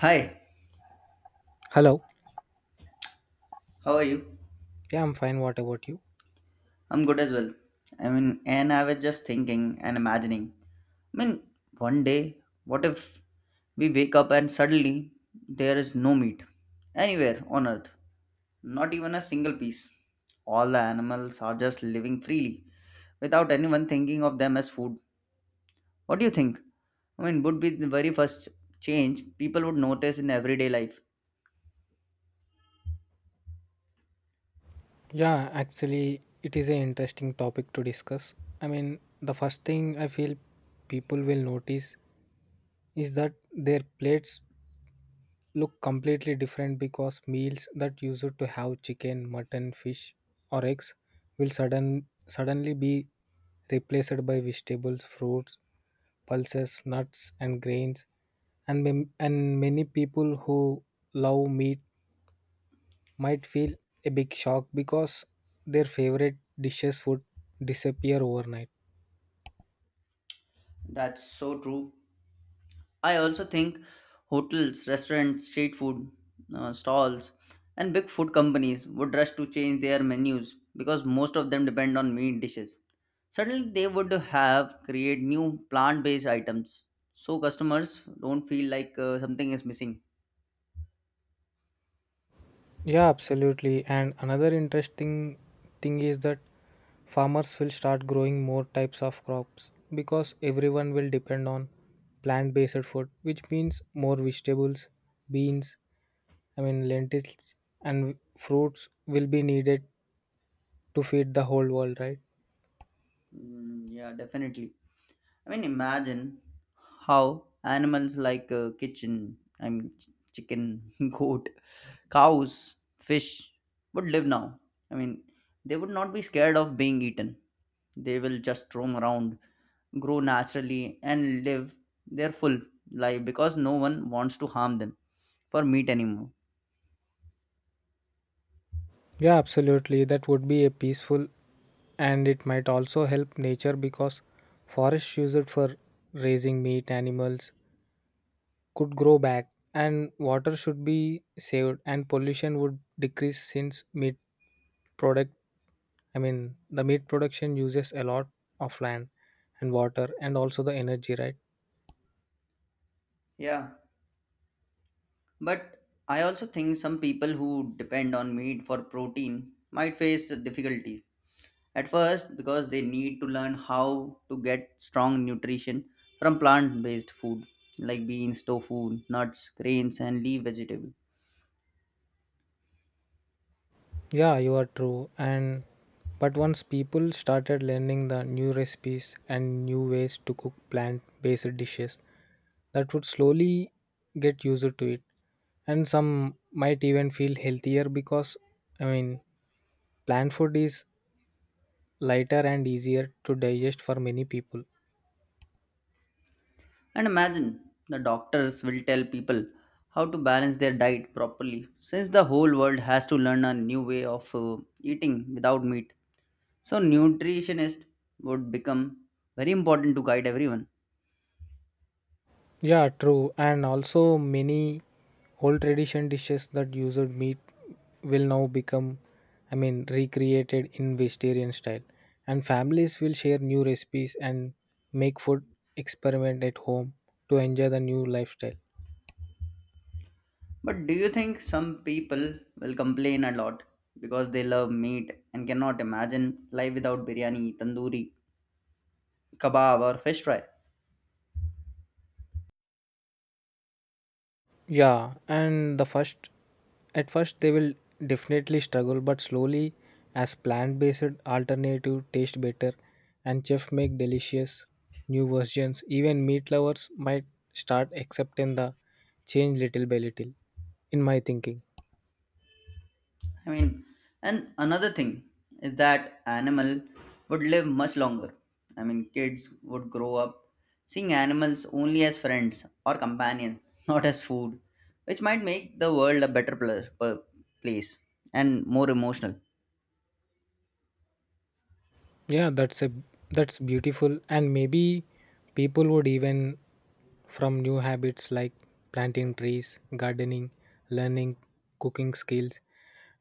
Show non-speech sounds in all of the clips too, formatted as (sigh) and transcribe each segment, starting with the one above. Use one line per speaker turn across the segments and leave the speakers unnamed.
Hi,
Hello.
how are you?
Yeah, I'm fine. What about you?
I'm good as well. And I was just thinking and imagining. I mean, One day, what if we wake up and suddenly there is no meat anywhere on earth? Not even a single piece. All the animals are just living freely without anyone thinking of them as food. What do you think? Would be the very first change people would notice in everyday life.
Yeah, actually, it is an interesting topic to discuss. I mean, the first thing I feel people will notice is that their plates look completely different because meals that used to have chicken, mutton, fish, or eggs will suddenly be replaced by vegetables, fruits, pulses, nuts, and grains. And many people who love meat might feel a big shock because their favorite dishes would disappear overnight.
That's so true. I also think hotels, restaurants, street food stalls, and big food companies would rush to change their menus because most of them depend on meat dishes. Suddenly, they would have create new plant-based items so customers don't feel like something is missing.
Yeah, absolutely. And another interesting thing is that farmers will start growing more types of crops because everyone will depend on plant based food, which means more vegetables, beans, I mean, lentils, and fruits will be needed to feed the whole world, right?
Mm, yeah, definitely. Imagine how animals like kitchen, I mean, ch- chicken, (laughs) goat, cows, fish would live now. I mean, they would not be scared of being eaten. They will just roam around, grow naturally, and live their full life because no one wants to harm them for meat anymore.
Yeah, absolutely. That would be a peaceful and it might also help nature because forests used for raising meat animals could grow back and water should be saved and pollution would decrease since meat product I mean the meat production uses a lot of land and water and also the energy, right?
Yeah, but I also think some people who depend on meat for protein might face difficulties at first because they need to learn how to get strong nutrition from plant based food like beans, tofu, nuts, grains, and leaf vegetable.
Yeah, you are true. And but once people started learning the new recipes and new ways to cook plant-based dishes, that would slowly get used to it. And some might even feel healthier because, I mean, plant food is lighter and easier to digest for many people.
And imagine the doctors will tell people how to balance their diet properly since the whole world has to learn a new way of eating without meat. So, nutritionist would become very important to guide everyone.
Yeah, true. And also many old tradition dishes that used meat will now become, I mean, recreated in vegetarian style. And families will share new recipes and make food experiment at home to enjoy the new lifestyle.
But do you think some people will complain a lot because they love meat and cannot imagine life without biryani, tandoori, kebab, or fish fry?
Yeah, and at first they will definitely struggle, but slowly, as plant-based alternative taste better, and chef make delicious new versions, even meat lovers might start accepting the change little by little. In my thinking,
I mean, and another thing is that animal would live much longer. Kids would grow up seeing animals only as friends or companions, (laughs) not as food, which might make the world a better place and more emotional.
yeah, that's beautiful, and maybe people would even from new habits like planting trees, gardening, learning cooking skills,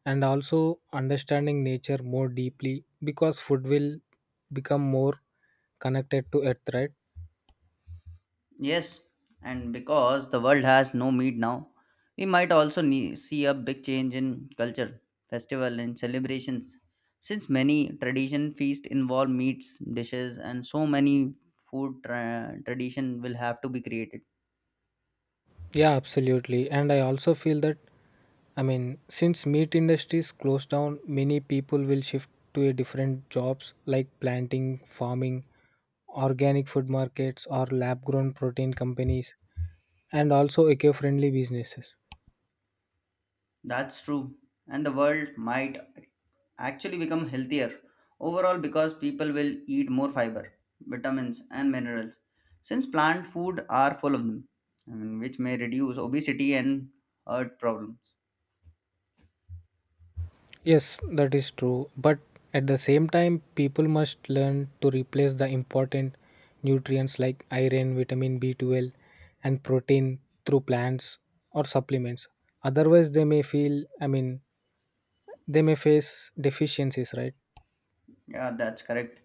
and also understanding nature more deeply because food will become more connected to earth, right?
Yes, and because the world has no meat now, we might also see a big change in culture, festival, and celebrations. Since many tradition feasts involve meats, dishes, and so many food tradition will have to be created.
Yeah, absolutely. And I also feel that, I mean, since meat industries close down, many people will shift to a different jobs like planting, farming, organic food markets or lab grown protein companies and also eco-friendly businesses.
That's true. And the world might actually become healthier overall because people will eat more fiber, vitamins, and minerals since plant food are full of them, which may reduce obesity and heart problems.
Yes, that is true. But at the same time, people must learn to replace the important nutrients like iron, vitamin B12, and protein through plants or supplements. Otherwise, they may feel, I mean, they may face deficiencies, right?
Yeah, that's correct.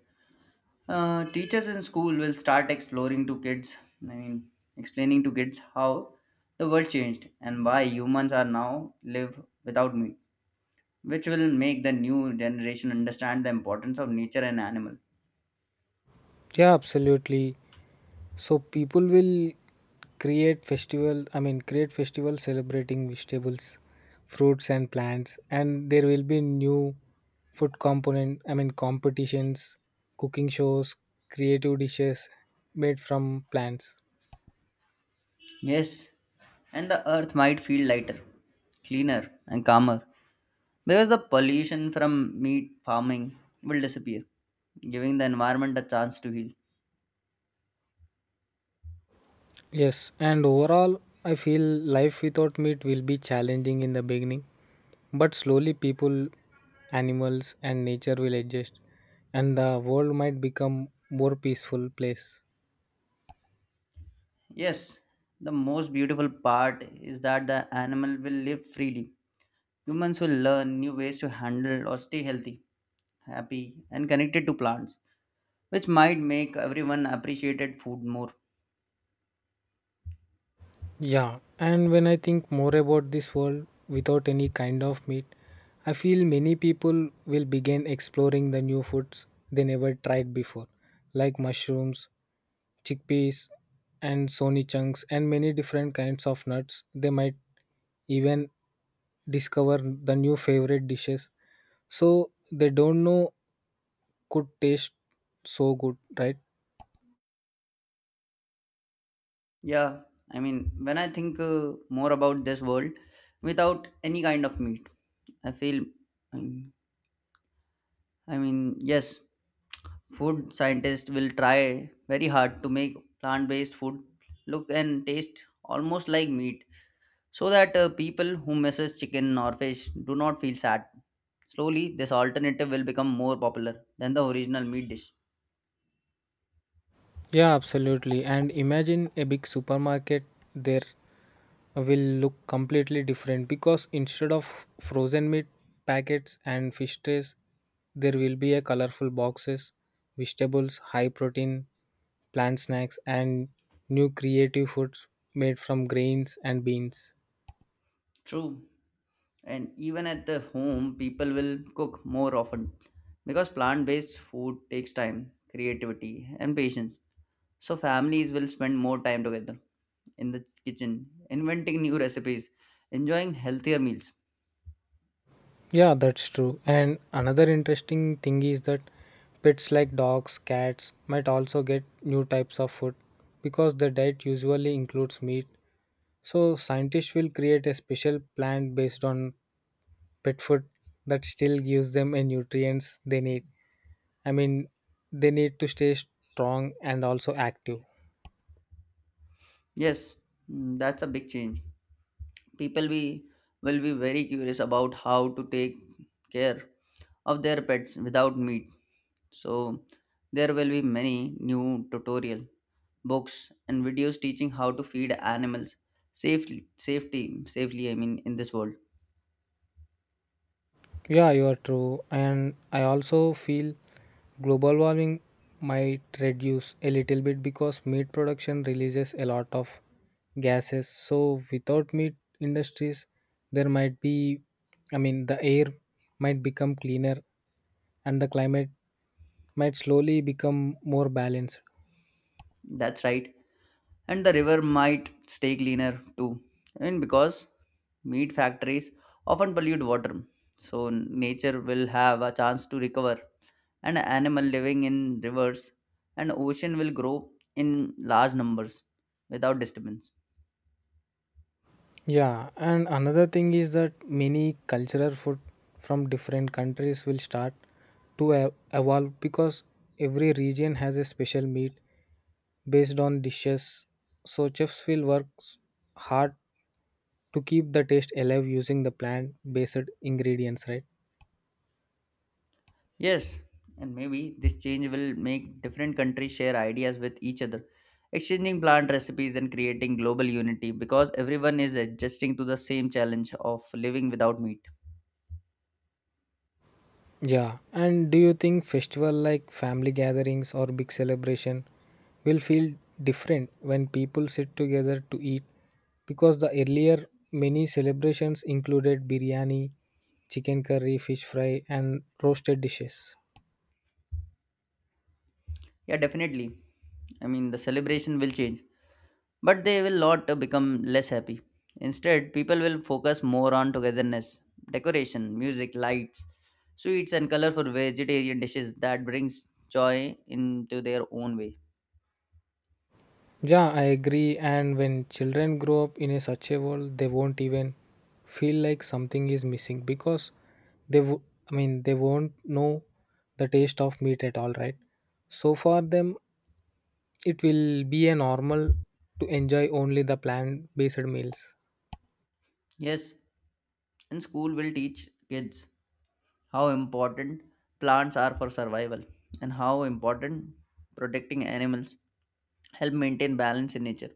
Teachers in school will start exploring to kids, I mean, explaining to kids how the world changed and why humans are now live without meat, which will make the new generation understand the importance of nature and animal.
Yeah, absolutely. So people will create festival celebrating vegetables, fruits and plants, and there will be new food component, I mean competitions, cooking shows, creative dishes made from plants.
Yes, and the earth might feel lighter, cleaner, and calmer because the pollution from meat farming will disappear, giving the environment a chance to heal.
Yes, and overall I feel life without meat will be challenging in the beginning, but slowly people, animals and nature will adjust and the world might become more peaceful place.
Yes, the most beautiful part is that the animal will live freely. Humans will learn new ways to handle or stay healthy, happy, and connected to plants, which might make everyone appreciate food more.
Yeah, and when I think more about this world without any kind of meat, I feel many people will begin exploring the new foods they never tried before, like mushrooms, chickpeas, and sony chunks, and many different kinds of nuts. They might even discover the new favorite dishes so they don't know could taste so good, right?
Yeah, I mean, when I think more about this world without any kind of meat, I feel, mm, yes, food scientists will try very hard to make plant based food look and taste almost like meat so that people who misses chicken or fish do not feel sad. Slowly, this alternative will become more popular than the original meat dish.
Yeah, absolutely. And imagine a big supermarket, there will look completely different because instead of frozen meat packets and fish trays there will be a colorful boxes, vegetables, high protein plant snacks and new creative foods made from grains and beans.
True. And even at the home people will cook more often because plant-based food takes time creativity and patience, so families will spend more time together in the kitchen inventing new recipes enjoying healthier meals.
Yeah, that's true. And another interesting thing is that pets like dogs, cats might also get new types of food because the diet usually includes meat, so scientists will create a special plant based on pet food that still gives them a nutrients they need, I mean, they need to stay strong and also active.
Yes, mm, that's a big change. People be will be very curious about how to take care of their pets without meat. So there will be many new tutorial books and videos teaching how to feed animals safely safety safely, I mean in this world.
Yeah, you are true. And I also feel global warming might reduce a little bit because meat production releases a lot of gases, so without meat industries there might be, I mean, the air might become cleaner and the climate might slowly become more balanced.
That's right. And the river might stay cleaner too. I mean because meat factories often pollute water. So nature will have a chance to recover and animal living in rivers and ocean will grow in large numbers without disturbance.
Yeah, and another thing is that many cultural food from different countries will start to evolve because every region has a special meat based on dishes. So chefs will work hard to keep the taste alive using the plant-based ingredients, right?
Yes, and maybe this change will make different countries share ideas with each other, exchanging plant recipes and creating global unity because everyone is adjusting to the same challenge of living without meat.
Yeah, and do you think festival like family gatherings or big celebration will feel different when people sit together to eat? Because the earlier many celebrations included biryani, chicken curry, fish fry, and roasted dishes.
Yeah, definitely. The celebration will change, but they will not become less happy. Instead, people will focus more on togetherness, decoration, music, lights, sweets, and colorful vegetarian dishes that brings joy into their own way.
Yeah, I agree. And when children grow up in a such a world, they won't even feel like something is missing because they, w- I mean, they won't know the taste of meat at all, right? So for them, it will be a normal to enjoy only the plant-based meals.
Yes, and school will teach kids how important plants are for survival and how important protecting animals help maintain balance in nature,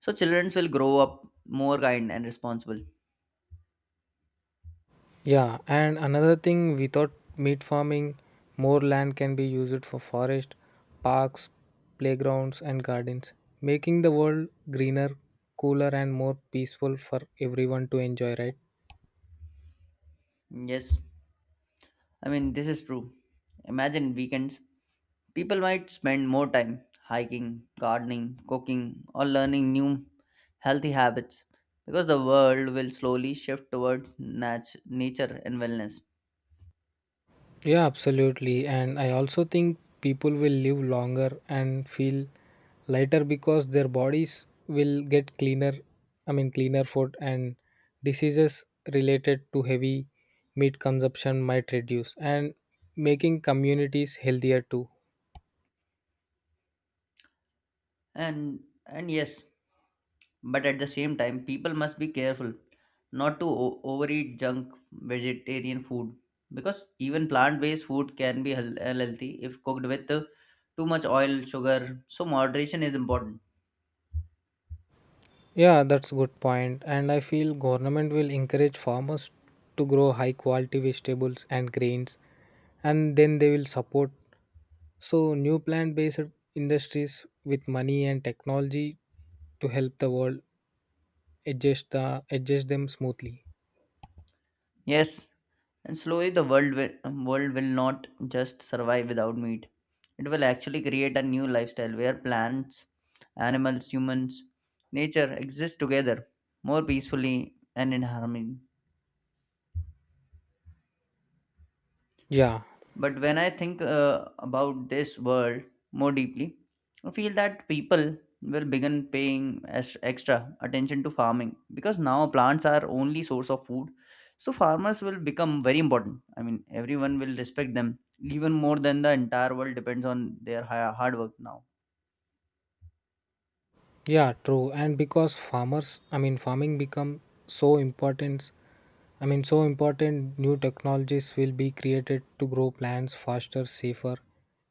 so children will grow up more kind and responsible.
Yeah, and another thing, without meat farming, more land can be used for forest, parks, playgrounds and gardens, making the world greener, cooler and more peaceful for everyone to enjoy, right?
Yes, I mean this is true. Imagine weekends people might spend more time hiking, gardening, cooking, or learning new healthy habits because the world will slowly shift towards nat- nature and wellness.
Yeah, absolutely. And I also think people will live longer and feel lighter because their bodies will get cleaner, I mean, cleaner food and diseases related to heavy meat consumption might reduce and making communities healthier too.
And and yes, but at the same time, people must be careful not to overeat junk vegetarian food because even plant based food can be unhealthy if cooked with too much oil, sugar. So, moderation is important.
Yeah, that's a good point. And I feel government will encourage farmers to grow high quality vegetables and grains, and then they will support so, new plant based industries with money and technology to help the world adjust them smoothly.
Yes, and slowly world will not just survive without meat. It will actually create a new lifestyle where plants, animals, humans, nature exist together more peacefully and in harmony.
Yeah,
But when I think about this world more deeply, I feel that people will begin paying extra attention to farming because now plants are only source of food. So farmers will become very important. I mean, everyone will respect them even more than the entire world depends on their hard work now.
yeah, true. And because farming become so important, so important, new technologies will be created to grow plants faster, safer,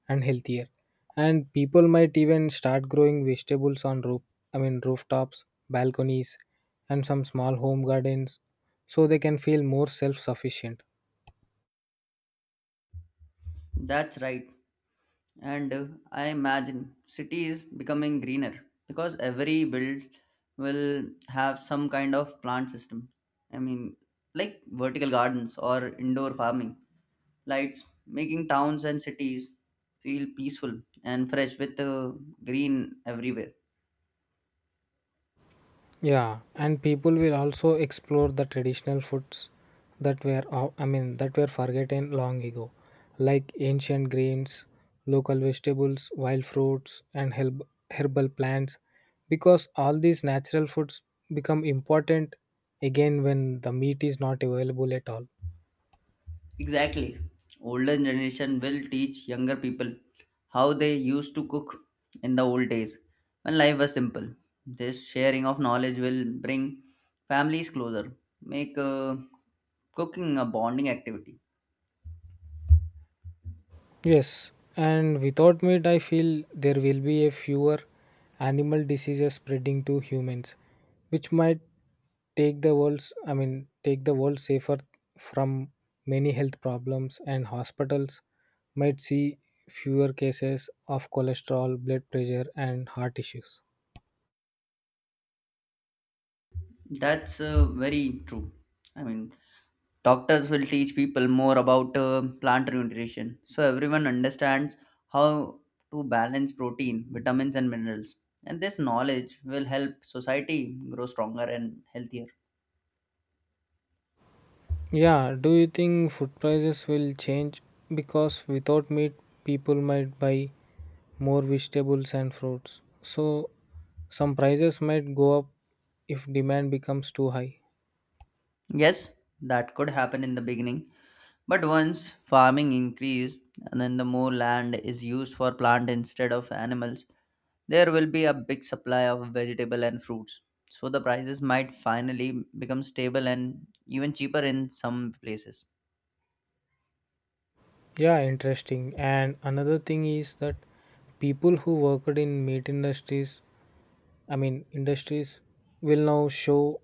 and healthier. And people might even start growing vegetables on rooftops, balconies, and some small home gardens so they can feel more self sufficient.
That's right. And I imagine city is becoming greener because every build will have some kind of plant system. I mean, like vertical gardens or indoor farming, lights, making towns and cities feel peaceful and fresh with green everywhere.
Yeah, and people will also explore the traditional foods that were, o- I mean, that were forgotten long ago, like ancient grains, local vegetables, wild fruits, and herbal plants, because all these natural foods become important again when the meat is not available at all.
Exactly. Older generation will teach younger people how they used to cook in the old days when life was simple. This sharing of knowledge will bring families closer, make cooking a bonding activity.
Yes, and without meat, I feel there will be a fewer animal diseases spreading to humans, which might take the world's i mean take the world safer from many health problems, and hospitals might see fewer cases of cholesterol, blood pressure and heart issues.
That's very true. I mean, doctors will teach people more about plant nutrition so everyone understands how to balance protein, vitamins, and minerals. And this knowledge will help society grow stronger and healthier.
Yeah, do you think food prices will change because without meat people might buy more vegetables and fruits, so some prices might go up if demand becomes too high?
Yes, that could happen in the beginning, but once farming increase and then the more land is used for plant instead of animals, there will be a big supply of vegetable and fruits. So the prices might finally become stable and even cheaper in some places.
Yeah, interesting. And another thing is that people who worked in meat industries will now show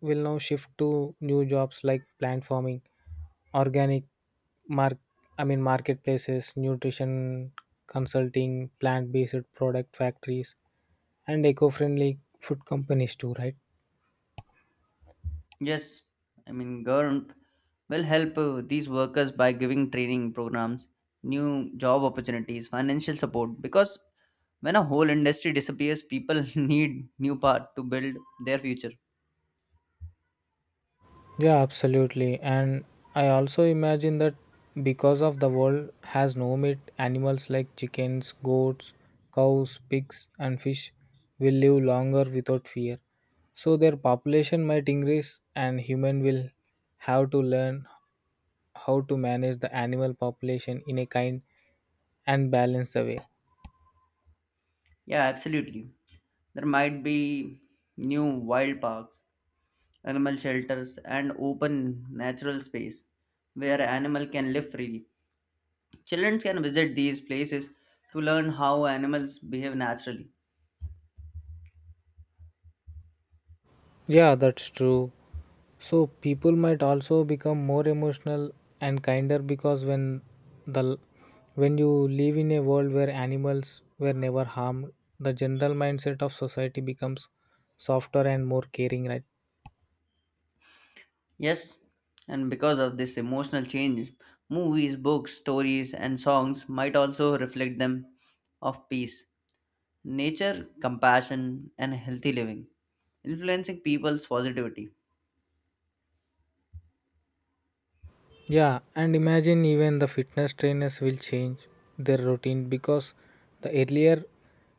will now shift to new jobs like plant farming, organic mark marketplaces, nutrition consulting, plant-based product factories, and eco-friendly food companies too, right?
Yes, I mean, government will help these workers by giving training programs, new job opportunities, financial support. Because when a whole industry disappears, people (laughs) need new part to build their future.
Yeah, absolutely. And I also imagine that because of the world has no meat, animals like chickens, goats, cows, pigs, and fish will live longer without fear. So their population might increase, and human will have to learn how to manage the animal population in a kind and balanced way.
Yeah, absolutely. There might be new wild parks, animal shelters, and open natural space where animal can live freely. Children can visit these places to learn how animals behave naturally.
Yeah, that's true. So people might also become more emotional and kinder because the when you live in a world where animals were never harmed, the general mindset of society becomes softer and more caring, right?
Yes, and because of this emotional change, movies, books, stories, and songs might also reflect them of peace, nature, compassion, and healthy living, influencing people's positivity.
Yeah, and imagine even the fitness trainers will change their routine because the earlier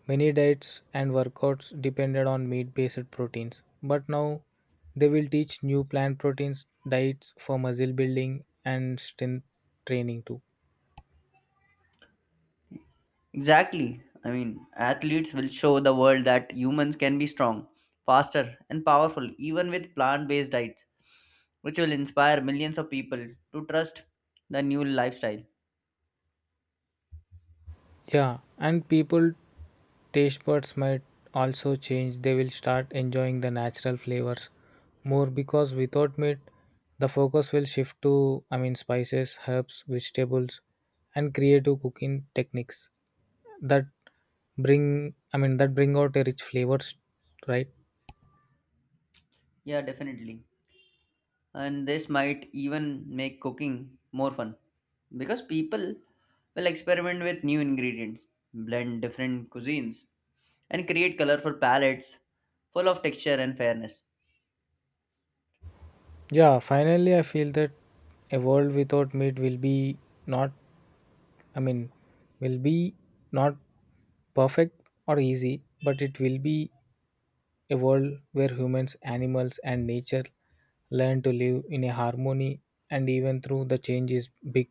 many diets and workouts depended on meat based proteins, but now they will teach new plant proteins diets for muscle building and strength training too.
Exactly. I mean, athletes will show the world that humans can be strong, faster, and powerful even with plant based diets, which will inspire millions of people to trust the new lifestyle.
Yeah, and people taste buds might also change. They will start enjoying the natural flavors more because without meat, the focus will shift to, I mean, spices, herbs, vegetables, and creative cooking techniques that bring out a rich flavors, right?
Yeah, definitely. And this might even make cooking more fun because people will experiment with new ingredients, blend different cuisines, and create colorful palettes full of texture and fairness.
Yeah, finally, I feel that a world without meat will be not, I mean, will be not perfect or easy, but it will be a world where humans, animals, and nature learn to live in a harmony, and even through the change is big,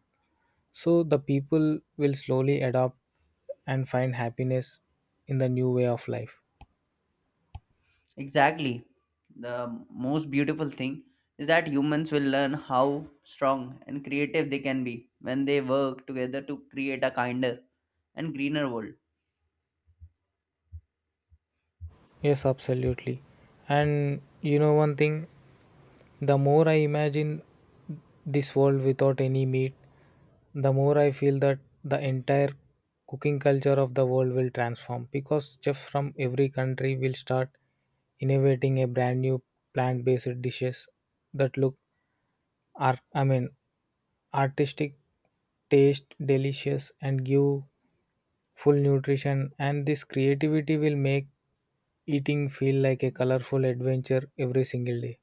so the people will slowly adopt and find happiness in the new way of life.
Exactly. The most beautiful thing is that humans will learn how strong and creative they can be when they work together to create a kinder and greener world.
Yes, absolutely. And you know one thing, the more I imagine this world without any meat, the more I feel that the entire cooking culture of the world will transform because chefs from every country will start innovating a brand new plant based dishes that look art I mean artistic, taste delicious and give full nutrition, and this creativity will make eating feel like a colorful adventure every single day.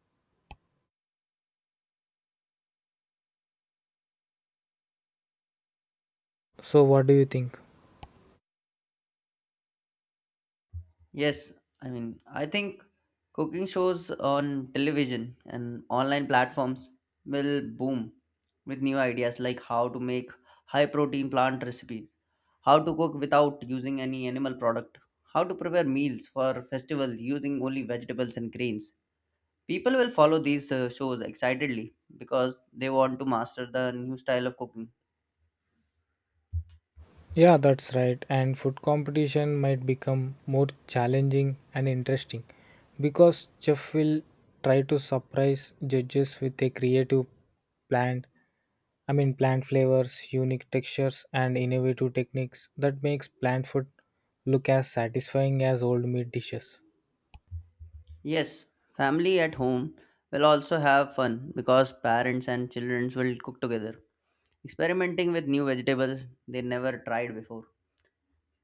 So, what do you think?
Yes, I mean, I think cooking shows on television and online platforms will boom with new ideas like how to make high protein plant recipes, how to cook without using any animal product, how to prepare meals for festivals using only vegetables and grains. People will follow these shows excitedly because they want to master the new style of cooking.
Yeah, that's right. And food competition might become more challenging and interesting because chef will try to surprise judges with a creative plant. Plant flavors, unique textures, and innovative techniques that makes plant food look as satisfying as old meat dishes.
Yes, family at home will also have fun because parents and children will cook together experimenting with new vegetables they never tried before,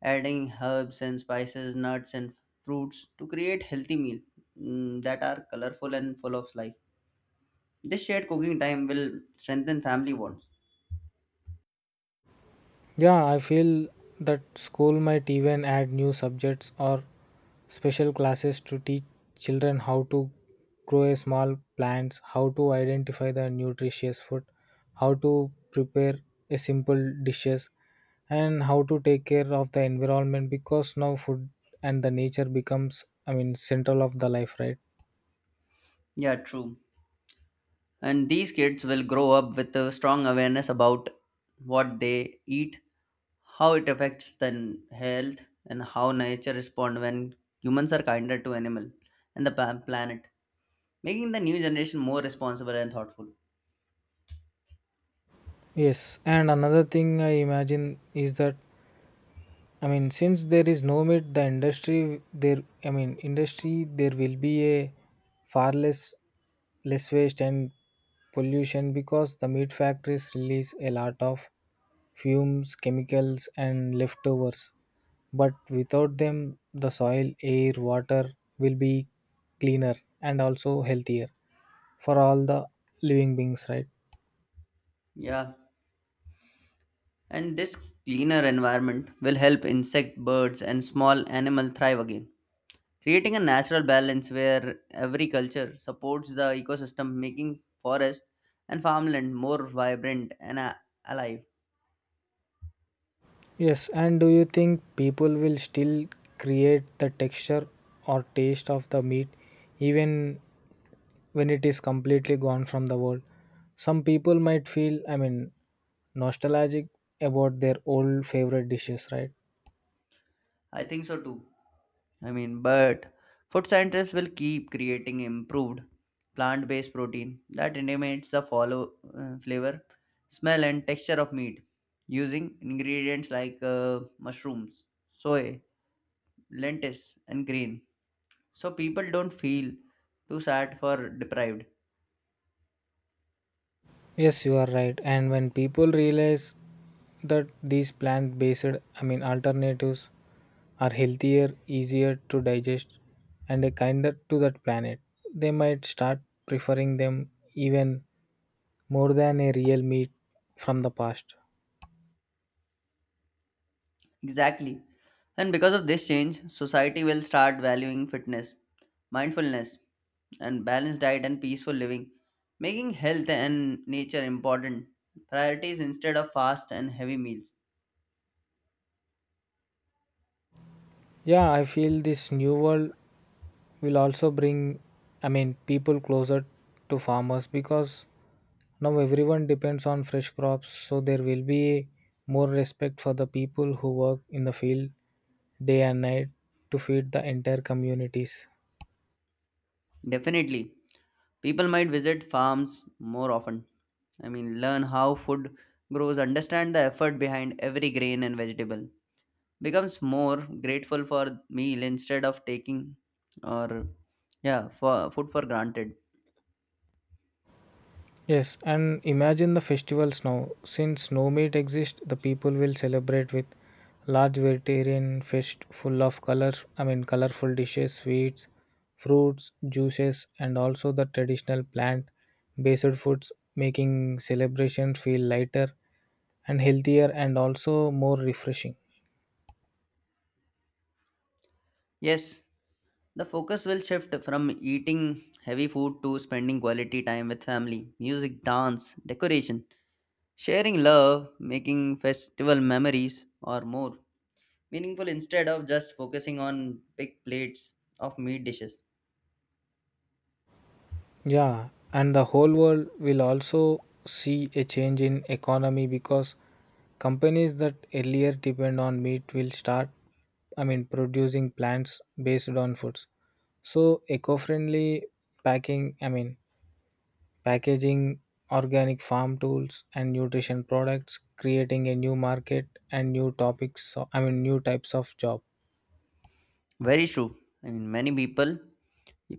adding herbs and spices, nuts and fruits to create healthy meal, mm, that are colorful and full of life. This shared cooking time will strengthen family bonds.
Yeah, I feel that school might even add new subjects or special classes to teach children how to grow a small plants, how to identify the nutritious food, how to prepare a simple dishes and how to take care of the environment because now food and the nature becomes, I mean, central of the life, right?
Yeah, true. And these kids will grow up with a strong awareness about what they eat, how it affects their health, and how nature responds when humans are kinder to animal and the planet, making the new generation more responsible and thoughtful.
Yes, and another thing I imagine is that, I mean, since there is no meat, the industry there will be a far less less waste and pollution because the meat factories release a lot of fumes, chemicals, and leftovers. But without them, the soil, air, water will be cleaner and also healthier for all the living beings, right?
Yeah, and this cleaner environment will help insect, birds, and small animal thrive again, creating a natural balance where every culture supports the ecosystem, making forest and farmland more vibrant and alive.
Yes, and do you think people will still create the texture or taste of the meat even when it is completely gone from the world? Some people might feel, I mean, nostalgic about their old favorite dishes, right?
I think so too. I mean, but food scientists will keep creating improved plant-based protein that eliminates the follow flavor, smell, and texture of meat using ingredients like mushrooms, soy, lentils and grain so people don't feel too sad for deprived.
Yes, you are right. And when people realize that these plant based, I mean, alternatives are healthier, easier to digest, and a kinder to that planet, they might start preferring them even more than a real meet from the past.
Exactly, and because of this change society will start valuing fitness, mindfulness, and balanced diet and peaceful living, making health and nature important priorities instead of fast and heavy meals.
Yeah, I feel this new world will also bring, I mean, people closer to farmers because now everyone depends on fresh crops, so there will be more respect for the people who work in the field day and night to feed the entire communities.
Definitely. People might visit farms more often. I mean, learn how food grows, understand the effort behind every grain and vegetable, becomes more grateful for meal instead of taking, or yeah, for food for granted.
Yes, and imagine the festivals now. Since no meat exists, the people will celebrate with large vegetarian feast full of colorful dishes, sweets, fruits, juices, and also the traditional plant based foods, making celebrations feel lighter and healthier and also more refreshing.
Yes, the focus will shift from eating heavy food to spending quality time with family, music, dance, decoration, sharing love, making festival memories or more meaningful instead of just focusing on big plates of meat dishes.
Yeah, and the whole world will also see a change in economy because companies that earlier depend on meat will start, I mean, producing plants based on foods. So eco-friendly packing, I mean packaging, organic farm tools and nutrition products, creating a new market and new topics, so, I mean, new types of job.
Very true. i mean many people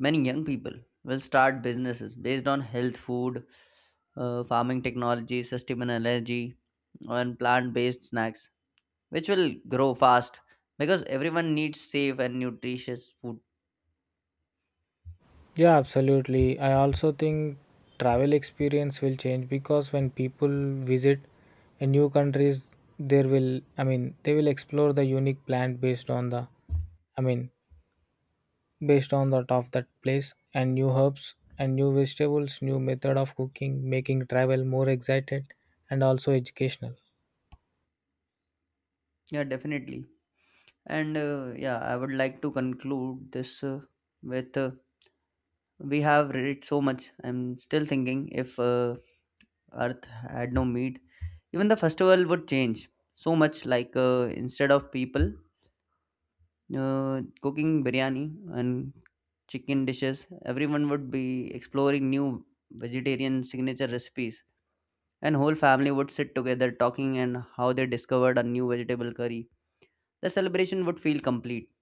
Many young people will start businesses based on health, food, farming technology, sustainable energy, and plant based snacks, which will grow fast because everyone needs safe and nutritious food.
Yeah, absolutely. I also think travel experience will change because when people visit a new countries, there will, I mean, they will explore the unique plant based on the I mean based on the of that place and new herbs and new vegetables, new method of cooking, making travel more excited and also educational.
Yeah, definitely. And yeah, I would like to conclude this with we have read so much. I'm still thinking if Earth had no meat, even the festival would change so much. Like instead of people cooking biryani and chicken dishes, everyone would be exploring new vegetarian signature recipes, and whole family would sit together talking and how they discovered a new vegetable curry. The celebration would feel complete,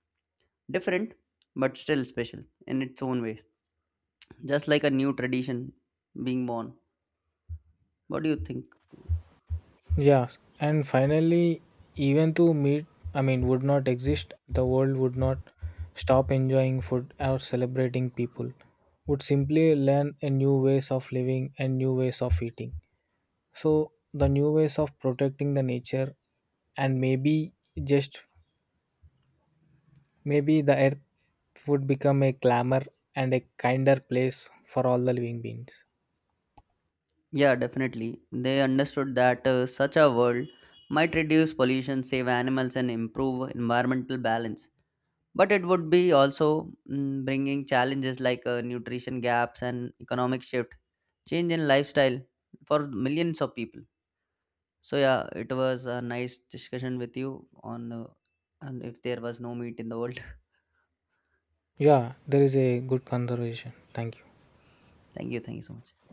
different, but still special in its own way, just like a new tradition being born. What do you think?
Yes, and finally, even to meet, I mean, would not exist, the world would not stop enjoying food or celebrating people, would simply learn a new ways of living and new ways of eating. So, the new ways of protecting the nature, and maybe just maybe the earth would become a glamour and a kinder place for all the living beings.
Yeah, definitely. They understood that such a world might reduce pollution, save animals, and improve environmental balance, but it would be also, mm, bringing challenges like nutrition gaps and economic shift, change in lifestyle for millions of people. So yeah, it was a nice discussion with you on and if there was no meat in the world.
Yeah, there is a good conservation. Thank you.
(laughs) Thank you so much.